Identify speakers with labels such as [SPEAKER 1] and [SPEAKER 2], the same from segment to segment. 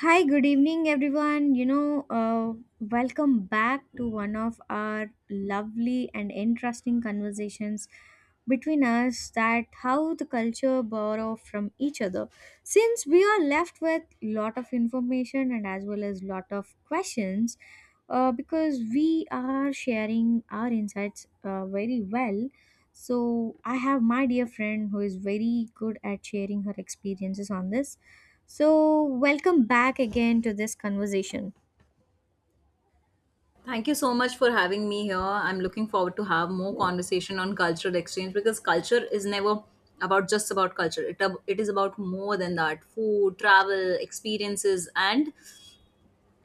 [SPEAKER 1] Hi, good evening, everyone. Welcome back to one of our lovely and interesting conversations between us that how the culture borrow from each other. Since we are left with lot of information and as well as lot of questions, because we are sharing our insights very well. So I have my dear friend who is very good at sharing her experiences on this. So, welcome back again to this conversation.
[SPEAKER 2] Thank you so much for having me here. I'm looking forward to have more conversation on cultural exchange because culture is never about just about culture. It is about more than that. Food, travel, experiences, and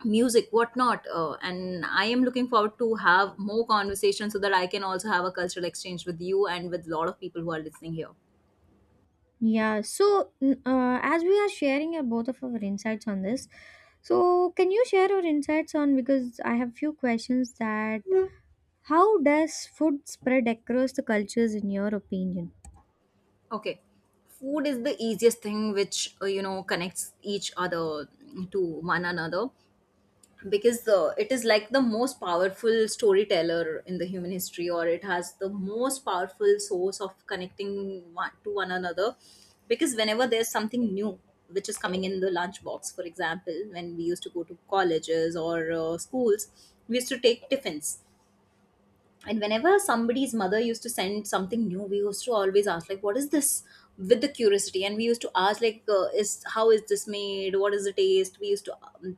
[SPEAKER 2] music, whatnot. And I am looking forward to have more conversation so that I can also have a cultural exchange with you and with a lot of people who are listening here.
[SPEAKER 1] Yeah, so as we are sharing both of our insights on this, so can you share your insights on because I have few questions that how does food spread across the cultures in your opinion?
[SPEAKER 2] Okay, food is the easiest thing which connects each other to one another because the it is like the most powerful storyteller in the human history, or it has the most powerful source of connecting one to one another because whenever there's something new which is coming in the lunchbox. For example, when we used to go to colleges or schools, we used to take tiffins, and whenever somebody's mother used to send something new, we used to always ask like, what is this? With the curiosity, and we used to ask like, is how is this made, what is the taste. We used to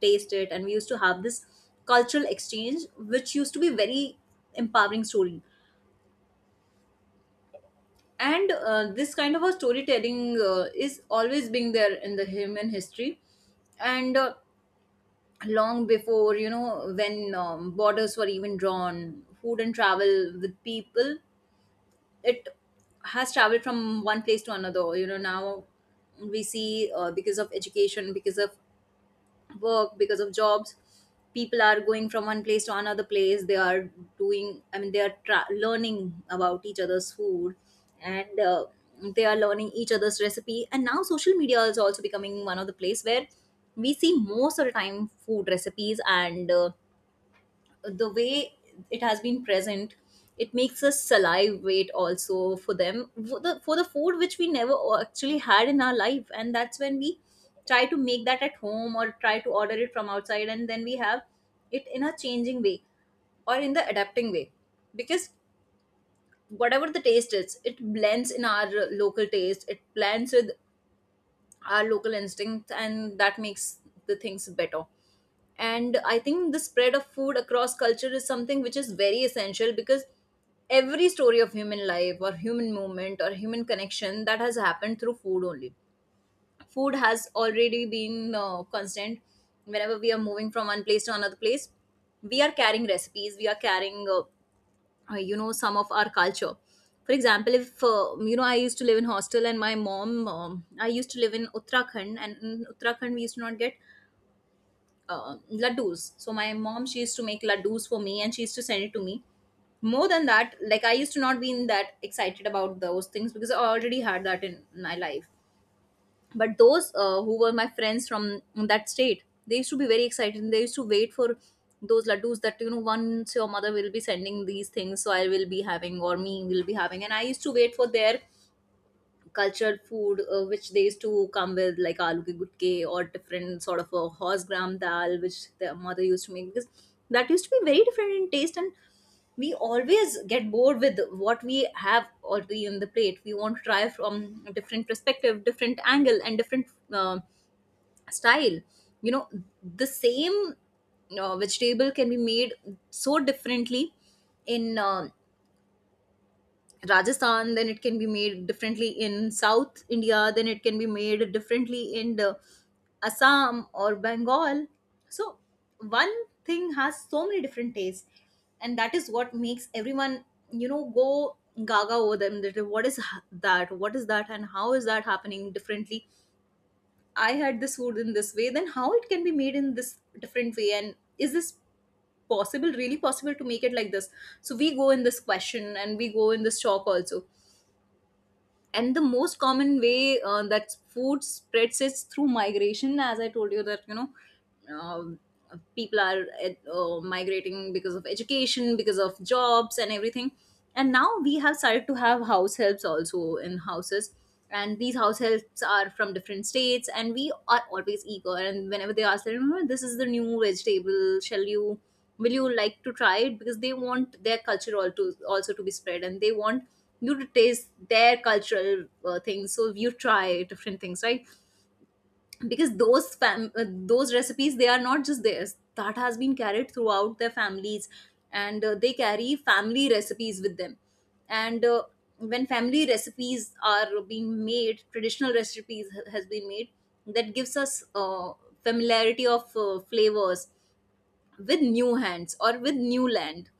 [SPEAKER 2] taste it, and we used to have this cultural exchange which used to be very empowering story. And This kind of a storytelling is always being there in the human history. And Long before, you know, when borders were even drawn, food and travel with people, it has traveled from one place to another. You know, now we see, because of education, because of work, because of jobs, people are going from one place to another place. They are doing, learning about each other's food, and they are learning each other's recipe. And now social media is also becoming one of the place where we see most of the time food recipes, and the way it has been present, it makes us salivate also for them, for for the food which we never actually had in our life. And that's when we try to make that at home or try to order it from outside, and then we have it in a changing way or in the adapting way, because whatever the taste is, it blends in our local taste, it blends with our local instincts, and that makes the things better. And I think the spread of food across culture is something which is very essential, because every story of human life or human movement or human connection that has happened through food only. Food has already been constant. Whenever we are moving from one place to another place, we are carrying recipes, we are carrying some of our culture. For example, if I used to live in hostel, and my mom, I used to live in Uttarakhand, and in Uttarakhand we used to not get laddus. So my mom, she used to make laddus for me and she used to send it to me. More than that, like, I used to not be in that excited about those things because I already had that in my life. But those who were my friends from that state, they used to be very excited, and they used to wait for those laddus. That, you know, once your mother will be sending these things, so I will be having or me will be having. And I used to wait for their cultured food which they used to come with, like aloo ke gutke or different sort of a horse gram dal which their mother used to make, because that used to be very different in taste. And we always get bored with what we have already in the plate. We want to try from a different perspective, different angle, and different um style, you know. The same vegetable can be made so differently in Rajasthan, then it can be made differently in South India, then it can be made differently in the Assam or Bengal. So one thing has so many different tastes, and that is what makes everyone, you know, go gaga over them. That what is that? What is that? And how is that happening differently? I had this food in this way, then how it can be made in this different way? And is this possible, really possible to make it like this? So we go in this question and we go in this shock also. And the most common way that food spreads is through migration, as I told you. That, you know, um people are migrating because of education, because of jobs and everything. And now we have started to have house helps also in houses, and these house helps are from different states, and we are always eager. And whenever they ask them, "Oh, this is the new vegetable, shall you will you like to try it?" Because they want their culture all also to be spread, and they want you to taste their cultural things. So you try different things, right? Because those recipes, they are not just theirs, that has been carried throughout their families, and they carry family recipes with them. And When family recipes are being made, traditional recipes has been made, that gives us familiarity of flavors with new hands or with new land.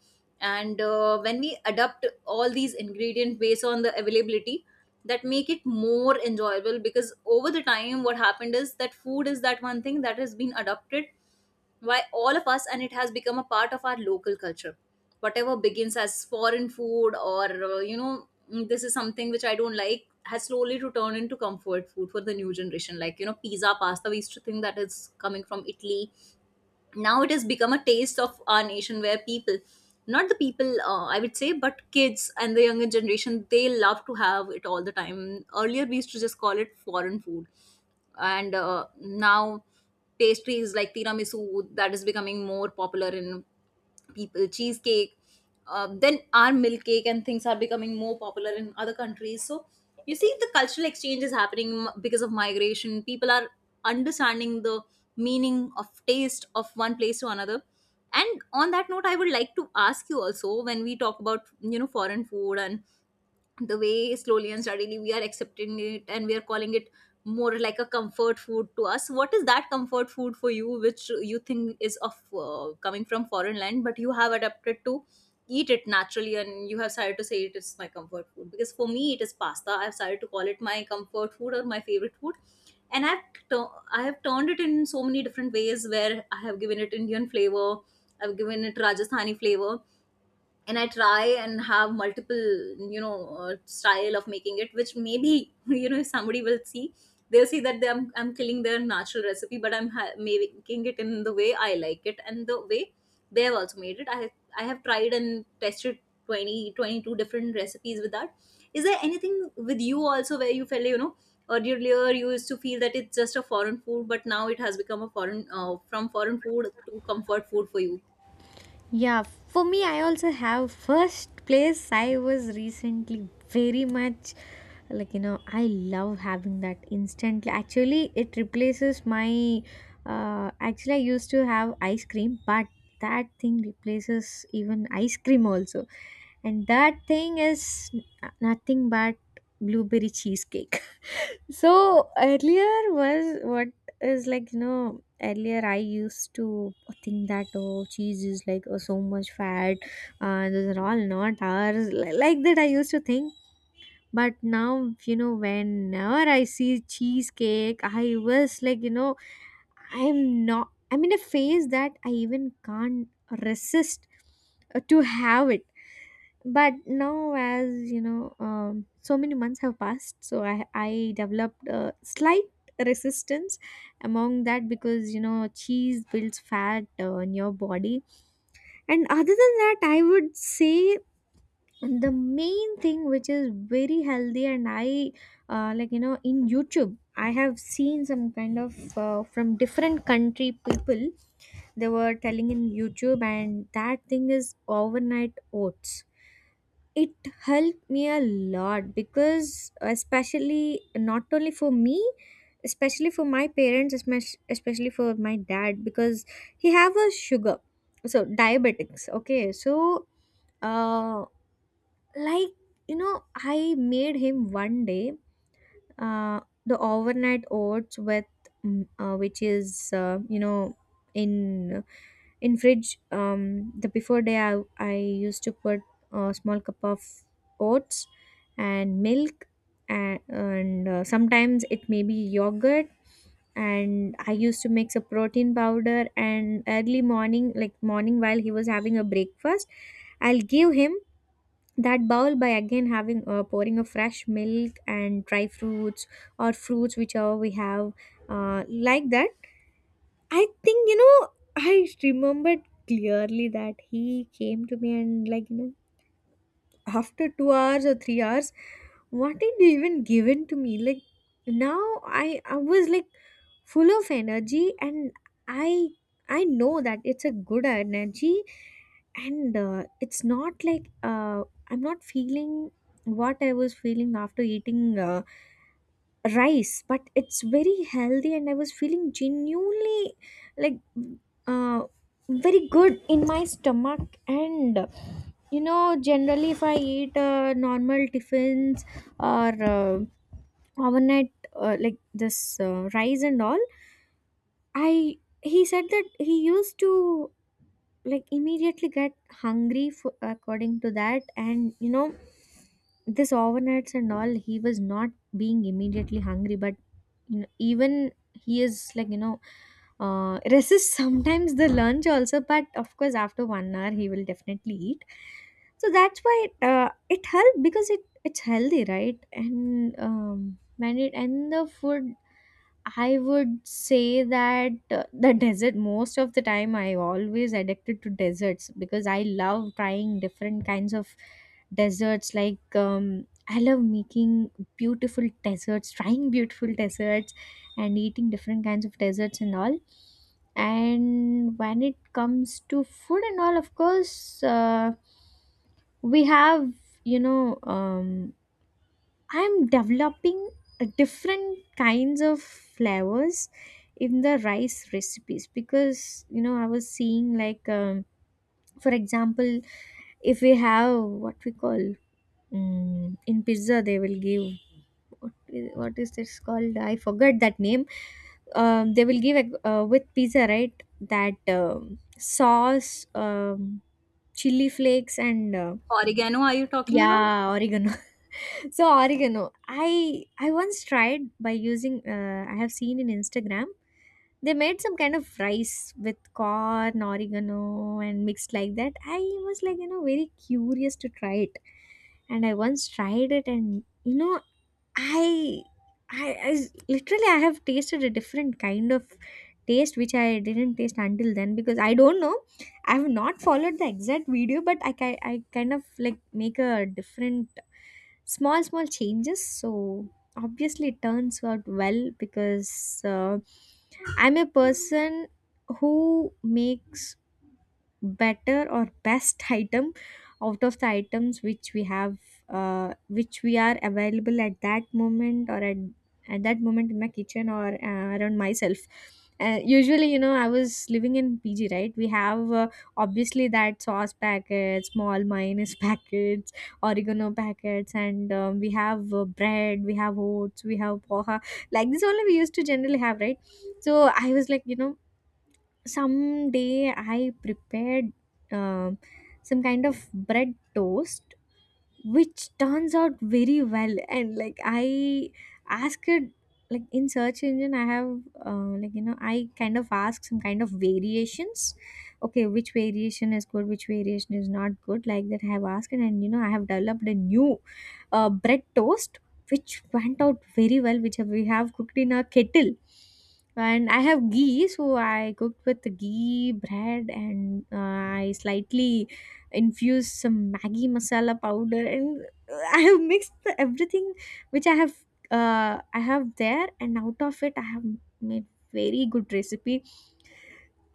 [SPEAKER 2] And When we adapt all these ingredients based on the availability, that make it more enjoyable, because over the time what happened is that food is that one thing that has been adopted by all of us, and it has become a part of our local culture. Whatever begins as foreign food, or "Mm, this is something which I don't like," has slowly to turn into comfort food for the new generation. Like, you know, pizza, pasta, we used to think that is coming from Italy. Now it has become a taste of our nation, where people, not the people, I would say, but kids and the younger generation, they love to have it all the time. Earlier we used to just call it foreign food. And Now pastries like tiramisu, that is becoming more popular in people. Cheesecake, then our milk cake and things are becoming more popular in other countries. So you see, the cultural exchange is happening because of migration. People are understanding the meaning of taste of one place to another. And on that note, I would like to ask you also, when we talk about, you know, foreign food and the way slowly and steadily we are accepting it and we are calling it more like a comfort food to us, what is that comfort food for you which you think is of, coming from foreign land, but you have adapted to eat it naturally and you have started to say it is my comfort food? Because for me it is pasta. I've started to call it my comfort food or my favorite food. And I have turned it in so many different ways, where I have given it Indian flavor, I've given it Rajasthani flavor. And I try and have multiple, you know, style of making it, which maybe you know, if somebody will see, they'll see that I'm, killing their natural recipe. But making it in the way I like it, and the way they have also made it. I have tried and tested 20, 22 different recipes with that. Is there anything with you also where you felt, you know, earlier you used to feel that it's just a foreign food, but now it has become a foreign, from foreign food to comfort food for you?
[SPEAKER 1] Yeah, for me, I also have first place. I was recently very much like you know, I love having that instantly. Actually, it replaces my I used to have ice cream, but that thing replaces even ice cream also, and that thing is nothing but blueberry cheesecake. So earlier was what is like you know earlier I used to think that oh cheese is like oh, so much fat, those are all not ours, like that I used to think. But now, you know, whenever I see cheesecake I was like you know I'm not I'm in a phase that I even can't resist to have it. But now as you know, so many months have passed, so I developed a slight resistance among that, because you know cheese builds fat in your body. And other than that I would say the main thing which is very healthy, and I like you know in YouTube I have seen some kind of from different country people, they were telling in YouTube, and that thing is overnight oats. It helped me a lot because especially not only for me, especially for my parents, especially for my dad, because he have a sugar, so diabetics, okay. Uh like you know, I made him one day uh the overnight oats with, which is, you know, in in fridge. The before day, I used to put a small cup of oats and milk, and sometimes it may be yogurt, and I used to mix a protein powder, and early morning, like morning while he was having a breakfast, I'll give him that bowl by again having pouring a fresh milk and dry fruits or fruits whichever we have, like that. I think, you know, I remembered clearly that he came to me and, like, you know, after 2 hours or 3 hours, what did you even given to me? Like, now I was like full of energy and I. I know that it's a good energy, and it's not like I'm not feeling what I was feeling after eating rice, but it's very healthy and I was feeling genuinely like uh, very good in my stomach. And you know generally if I eat normal tiffins or overnight like this rice and all, I he said that he used to like immediately get hungry for, according to that. And you know this overnights and all, he was not being immediately hungry. But you know, even he is like you know resists sometimes the lunch also, but of course after 1 hour he will definitely eat. So that's why it helped, because it's healthy, right? and when it and The food, I would say that, the desert most of the time I always addicted to deserts, because I love trying different kinds of deserts. Like I love making beautiful desserts, trying beautiful desserts, and eating different kinds of desserts and all. And when it comes to food and all, of course, we have you know I'm developing a different kinds of flavors in the rice recipes, because you know I was seeing like, for example, if we have what we call, in pizza they will give, what is this called, I forgot that name. They will give like, with pizza, right, that, sauce, chili flakes and
[SPEAKER 2] Oregano, are you talking about?
[SPEAKER 1] yeah, oregano. So oregano. I once tried by using. I have seen in Instagram, they made some kind of rice with corn, oregano, and mixed like that. I was like you know very curious to try it, and I once tried it, and you know I, literally I have tasted a different kind of taste which I didn't taste until then, because I don't know. I have not followed the exact video, but I kind of like make a different small small changes. So obviously it turns out well, because I'm a person who makes better or best item out of the items which we have, which we are available at that moment, at that moment in my kitchen or around myself. Uh, usually you know I was living in PG, right? We have, obviously that sauce packets, small mayonnaise packets, oregano packets, and we have bread, we have oats, we have poha. Like this only we used to generally have, right? So I was like you know some day I prepared um some kind of bread toast which turns out very well. And like I asked it, like in search engine, I have, like you know, I kind of ask some kind of variations, okay, which variation is good, which variation is not good, like that I have asked. And, you know, I have developed a new bread toast which went out very well, which we have cooked in a kettle. And I have ghee, so I cooked with ghee bread, and I slightly infused some Maggi masala powder, and I have mixed the everything which I have, I have there, and out of it I have made very good recipe.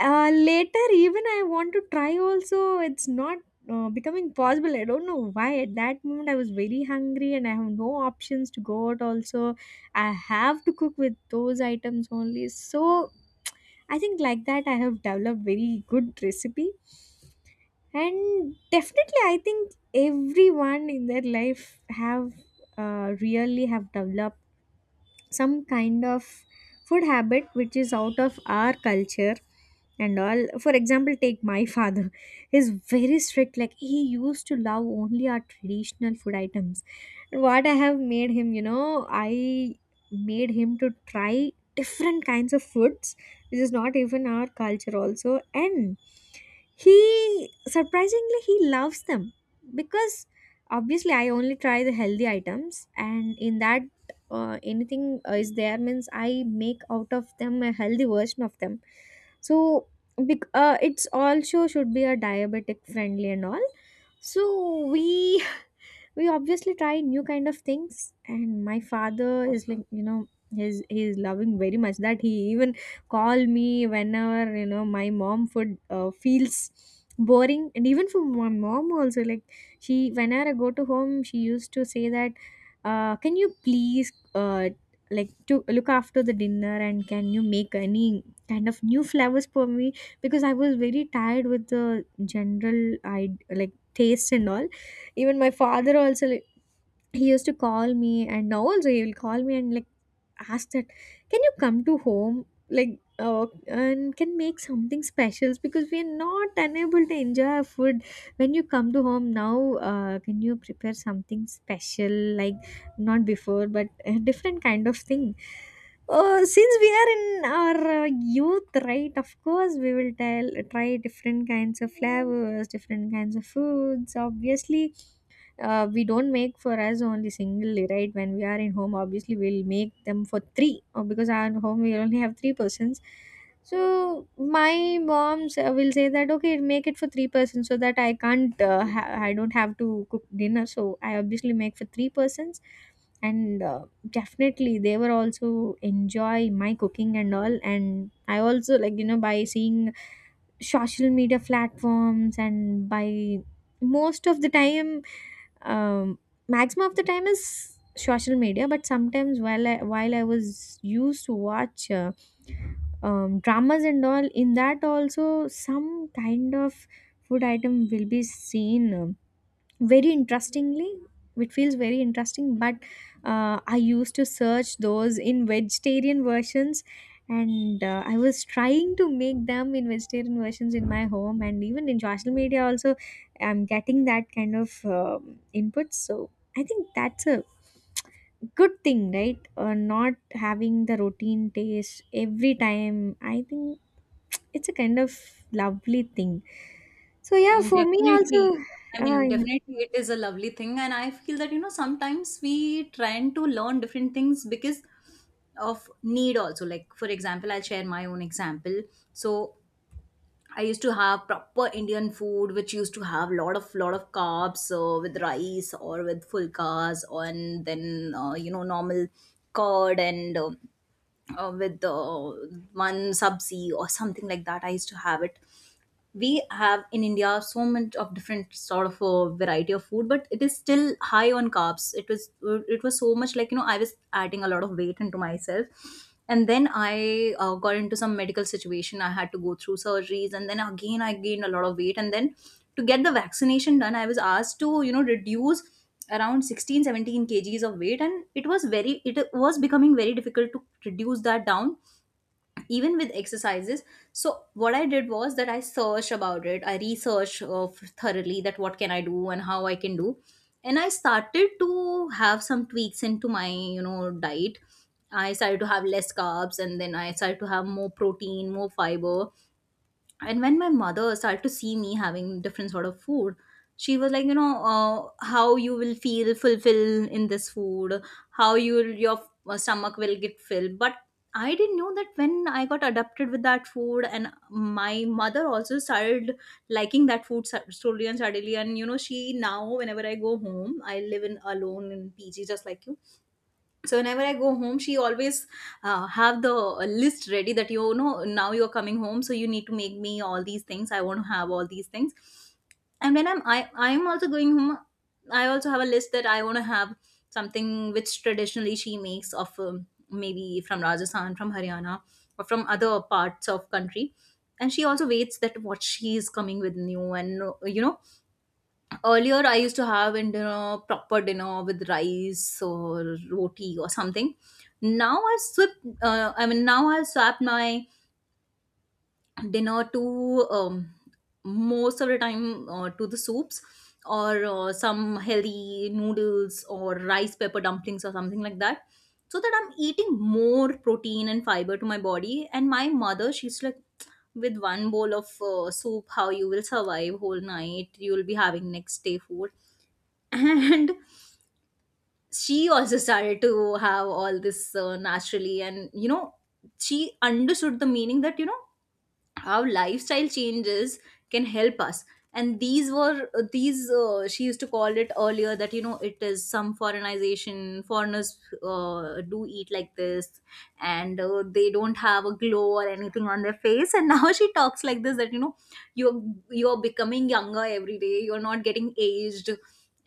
[SPEAKER 1] Later, even I want to try also. It's not becoming possible. I don't know why. At that moment, I was very hungry, and I have no options to go out. Also, I have to cook with those items only. So I think like that I have developed very good recipe. And definitely I think everyone in their life have really have developed some kind of food habit which is out of our culture and all. For example, take my father, he's very strict, like he used to love only our traditional food items. What I have made him, you know, I made him to try different kinds of foods which is not even our culture also, and he, surprisingly he loves them. Because obviously I only try the healthy items, and in that anything is there means I make out of them a healthy version of them. So it's also should be a diabetic friendly and all. So we we obviously try new kind of things, and my father is like you know he's loving very much that he even call me whenever, you know, my mom food feels boring. And even for my mom also, like, she whenever I go to home she used to say that, can you please, like to look after the dinner, and can you make any kind of new flavors for me, because I was very tired with the general I like taste and all. Even my father also, like, he used to call me, and now also he will call me and like ask that, can you come to home, like, and can make something special, because we are not unable to enjoy our food. When you come to home now, can you prepare something special, like not before, but a different kind of thing. Since we are in our youth, right? Of course, we will tell try different kinds of flavors, different kinds of foods. Obviously, we don't make for us only singly, right? When we are in home, obviously we'll make them for three, because our home we only have three persons. So my moms will say that okay make it for three persons so that I can't I don't have to cook dinner, so I obviously make for three persons. And Definitely they were also enjoy my cooking and all, and I also like, you know, by seeing social media platforms and by most of the time, um, maximum of the time is social media. But sometimes while I was used to watch dramas and all, in that also some kind of food item will be seen, very interestingly. It feels very interesting, but I used to search those in vegetarian versions. And I was trying to make them in vegetarian versions in my home, and even in social media also I'm getting that kind of input. So I think that's a good thing, right? Not having the routine taste every time, I think it's a kind of lovely thing. So yeah,
[SPEAKER 2] Mm.
[SPEAKER 1] for me also.
[SPEAKER 2] Definitely. I mean,
[SPEAKER 1] uh,
[SPEAKER 2] definitely it is a lovely thing. And I feel that, you know, sometimes we trying to learn different things because of need also. Like, for example, I'll share my own example. So I used to have proper Indian food, which used to have lot of carbs with rice or with fulkas, and then, normal curd and with one sabzi or something like that. I used to have it. We have in India so much of different sort of a variety of food, but it is still high on carbs. It was so much, like, you know, I was adding a lot of weight into myself. And then I got into some medical situation. I had to go through surgeries, and then again I gained a lot of weight. And then to get the vaccination done, I was asked to reduce around 16, 17 kgs of weight, and it was becoming very difficult to reduce that down even with exercises. So what I did was that I searched about it. I researched thoroughly that what can I do and how I can do. And I started to have some tweaks into my diet. I started to have less carbs, and then I started to have more protein, more fiber. And when my mother started to see me having different sort of food, she was like, how you will feel fulfilled in this food, how you your stomach will get filled. But I didn't know that when I got adapted with that food, and my mother also started liking that food slowly, and suddenly, and she now, whenever I go home, I live in alone in PG just like you. So whenever I go home, she always have the list ready that, now you're coming home, so you need to make me all these things, I want to have all these things. And when I'm also going home, I also have a list that I want to have something which traditionally she makes of, maybe from Rajasthan, from Haryana, or from other parts of country. And she also waits that what she is coming with new. And you know earlier I used to have in dinner, proper dinner with rice or roti or something. Now I swip I mean, now I swap my dinner to, most of the time, to the soups, or some healthy noodles or rice pepper dumplings or something like that, so that I'm eating more protein and fiber to my body. And my mother, she's like, with one bowl of soup, how you will survive whole night? You will be having next day food. And she also started to have all this naturally. And she understood the meaning that, how lifestyle changes can help us. And these were, these she used to call it earlier that, it is some foreignization. Foreigners do eat like this, and they don't have a glow or anything on their face. And now she talks like this, that, you're you're becoming younger every day, you're not getting aged.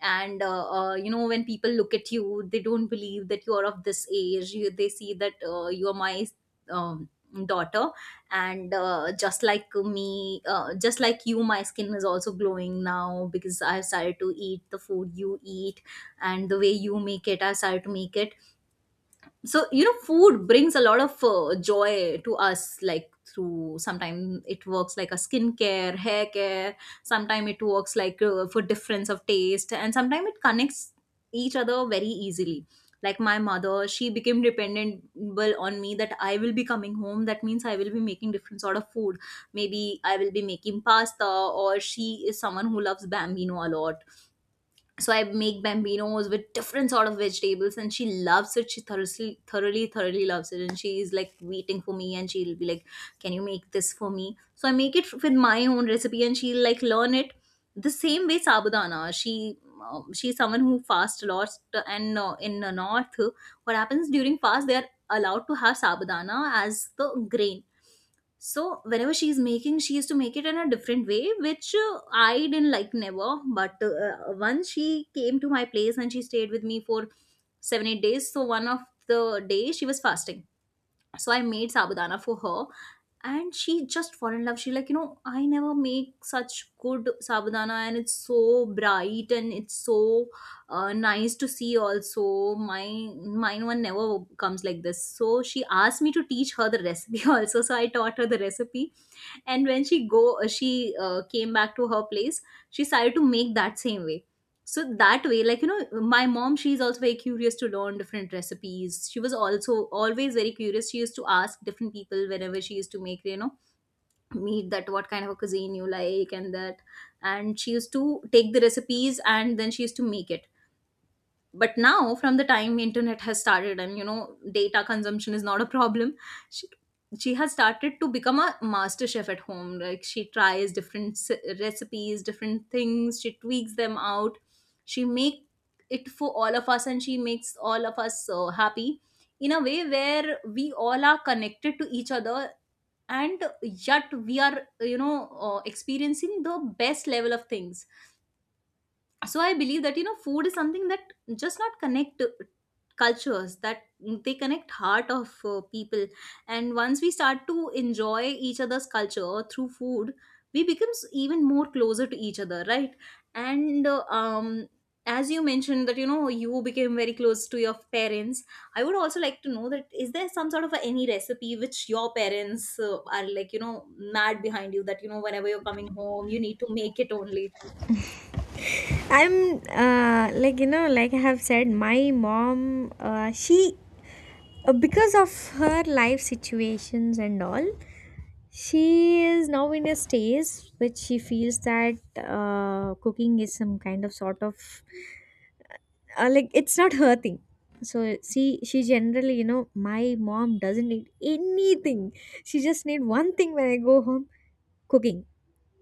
[SPEAKER 2] And when people look at you, they don't believe that you're of this age. You, they see that, you're my, um, daughter. And, just like me, just like you, my skin is also glowing now, because I've started to eat the food you eat, and the way you make it, I started to make it. So food brings a lot of joy to us. Like, through, sometimes it works like a skincare, hair care, sometimes it works like, for difference of taste, and sometimes it connects each other very easily. Like my mother, she became dependable on me, that I will be coming home, that means I will be making different sort of food. Maybe I will be making pasta, or she is someone who loves bambino a lot. So I make bambinos with different sort of vegetables, and she loves it. She thoroughly loves it, and she is like waiting for me, and she'll be like, can you make this for me? So I make with my own recipe, and she'll like learn it. The same way, sabudana, she's someone who fasts a lot. And in the north, what happens during fast, they are allowed to have sabudana as the grain. So whenever she's making, she used to make it in a different way, which, I didn't like never. But once she came to my place, and she stayed with me for 7-8 days. So one of the days she was fasting, so I made sabudana for her, and she just fell in love. She like, I never make such good sabudana, and it's so bright and it's so, nice to see. Also, mine one never comes like this. So she asked me to teach her the recipe also. So I taught her the recipe, and when she came back to her place, she started to make that same way. So that way, like, my mom, she's also very curious to learn different recipes. She was also always very curious. She used to ask different people whenever she used to make, meat, that what kind of a cuisine you like and that. And she used to take the recipes, and then she used to make it. But now, from the time internet has started, and data consumption is not a problem, she she has started to become a master chef at home. Like, she tries recipes, different things, she tweaks them out. She make it for all of us, and she makes all of us so happy, in a way where we all are connected to each other, and yet we are, experiencing the best level of things. So I believe that, food is something that just not connect cultures, that they connect heart of people. And once we start to enjoy each other's culture through food, we becomes even more closer to each other, right? And, as you mentioned that, you became very close to your parents, I would also like to know that, is there some sort of a, any recipe which your parents are like, mad behind you, that, whenever you're coming home, you need to make it only?
[SPEAKER 1] I'm uh, like, you know, like I have said, my mom, she, because of her life situations and all, she is now in a stage which she feels that cooking is some kind of sort of, like, it's not her thing. So she generally, you know, my mom doesn't need anything. She just need one thing when I go home: cooking.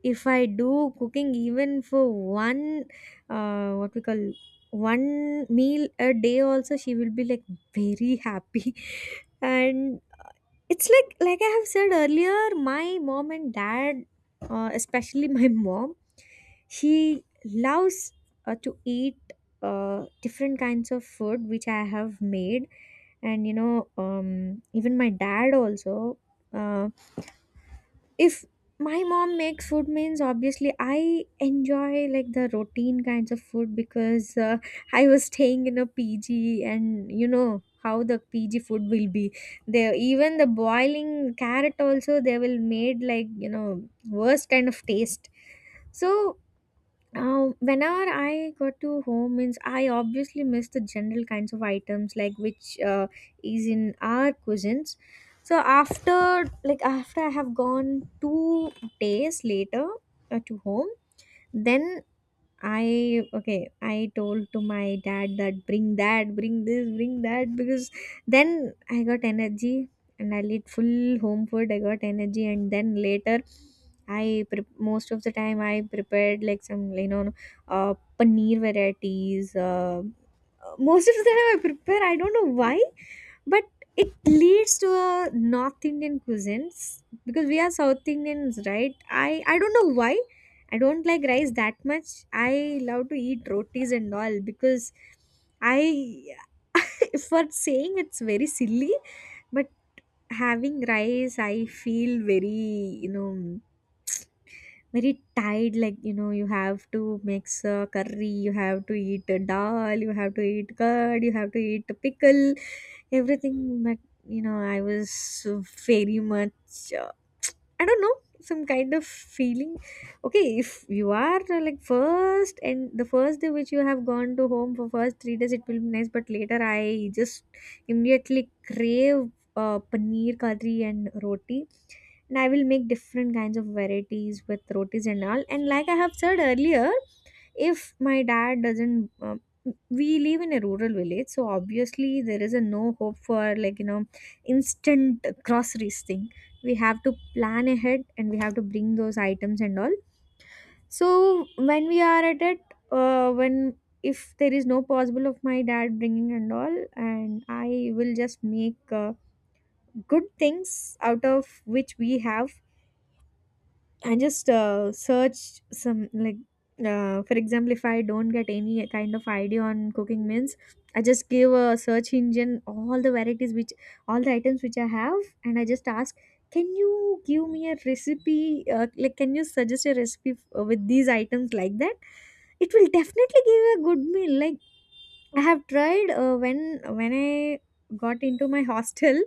[SPEAKER 1] If I do cooking even for one, what we call, one meal a day, also she will be like very happy. And it's like I have said earlier, my mom and dad, especially my mom, she loves to eat different kinds of food which I have made, and you know, even my dad also. Uh, if my mom makes food means, obviously I enjoy, like, the routine kinds of food, because I was staying in a PG and you know how the PG food will be. They even the boiling carrot also they will made, like, you know, worst kind of taste. So now, whenever I got to home means, I obviously miss the general kinds of items, like, which is in our cuisines. So after, like, after I have gone 2 days later to home, then I, okay, I told to my dad that, bring this, bring that, because then I got energy and I'll eat full home food. I got energy, and then later I most of the time I prepared like some, you know, paneer varieties. Most of the time I prepare. I don't know why, but it leads to a North Indian cuisines because we are South Indians, right? I don't know why. I don't like rice that much. I love to eat rotis and all, because I for saying it's very silly, but having rice, I feel very, you know, very tired, like, you know, you have to mix a curry, you have to eat a dal, you have to eat curd, you have to eat a pickle, everything. But, you know, I was so very much, I don't know, some kind of feeling. Okay, if you are, like, first and the first day which you have gone to home, for first 3 days it will be nice, but later I just immediately crave paneer kadri and roti, and I will make different kinds of varieties with rotis and all. And like I have said earlier, if my dad doesn't, we live in a rural village, so obviously there is a no hope for, like, you know, instant groceries thing. We have to plan ahead and we have to bring those items and all. So when we are at it, when if there is no possible of my dad bringing and all, and I will just make good things out of which we have. I just searched some, like, for example, if I don't get any kind of idea on cooking means, I just give a search engine all the varieties which, all the items which I have, and I just ask, can you give me a recipe? Like, can you suggest a recipe with these items like that? It will definitely give a good meal. Like, I have tried when I got into my hostel.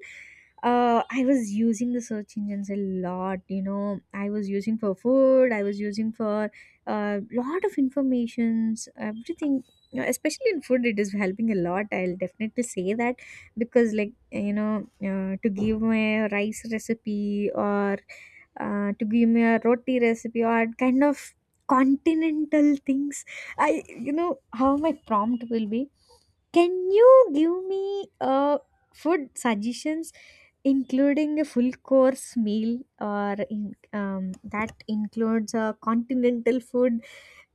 [SPEAKER 1] I was using the search engines a lot. You know, I was using for food. I was using for a lot of informations. Everything, you know, especially in food, it is helping a lot. I'll definitely say that because, like, you know, to give me a rice recipe or to give me a roti recipe or kind of continental things. I, you know how my prompt will be: can you give me food suggestions, including a full course meal, or in, that includes a continental food.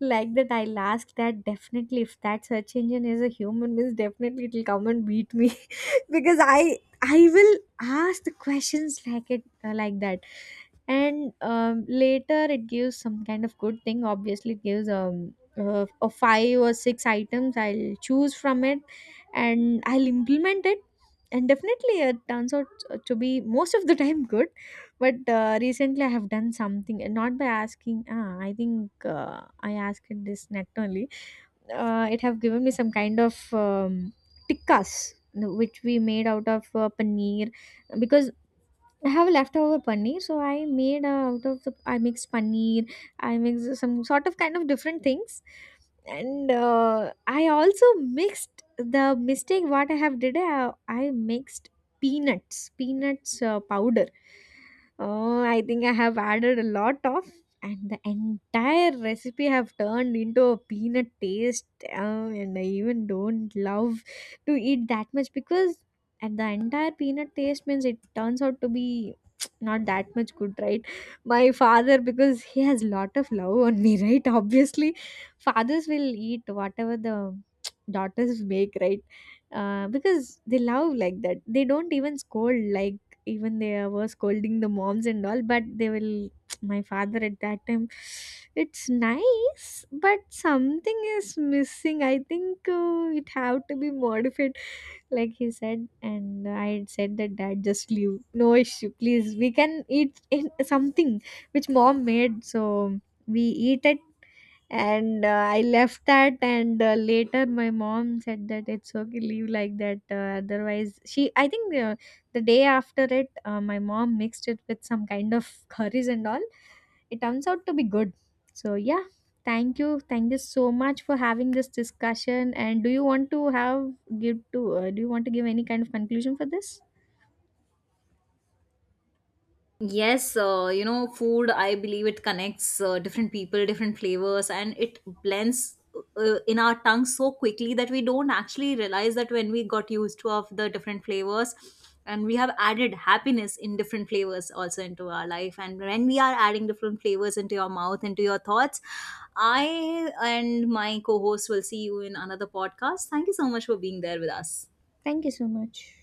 [SPEAKER 1] Like that I'll ask. That, definitely, if that search engine is a human means, definitely it'll come and beat me. Because I will ask the questions like it, like that. And later it gives some kind of good thing. Obviously it gives a five or six items, I'll choose from it and I'll implement it. And definitely it turns out to be most of the time good. But recently I have done something, not by asking. Ah, I think I asked it this net only. It have given me some kind of tikkas, no, which we made out of paneer, because I have leftover paneer, so I made out of the I mixed paneer, I mixed some sort of kind of different things, and I also mixed the mistake what I have did. I mixed peanuts powder. Oh, I think I have added a lot of, and the entire recipe have turned into a peanut taste. And I even don't love to eat that much, because and the entire peanut taste means it turns out to be not that much good, right? My father, because he has lot of love on me, right, obviously fathers will eat whatever the daughters make, right? Because they love like that, they don't even scold, like, even they were scolding the moms and all, but they will my father at that time it's nice, but something is missing, I think it have to be modified. Like he said, and I had said that, dad, just leave, no issue, please, we can eat in something which mom made, so we eat it. And I left that. And Later my mom said that, it's okay, leave like that. Otherwise she, I think the day after it, my mom mixed it with some kind of curries and all, it turns out to be good. So yeah, thank you so much for having this discussion. And do you want to have, give to do you want to give any kind of conclusion for this?
[SPEAKER 2] Yes, food, I believe it connects different people, different flavors, and it blends in our tongue so quickly that we don't actually realize that, when we got used to of the different flavors, and we have added happiness in different flavors also into our life. And when we are adding different flavors into your mouth, into your thoughts, I and my co-host will see you in another podcast. Thank you so much for being there with us.
[SPEAKER 1] Thank you so much.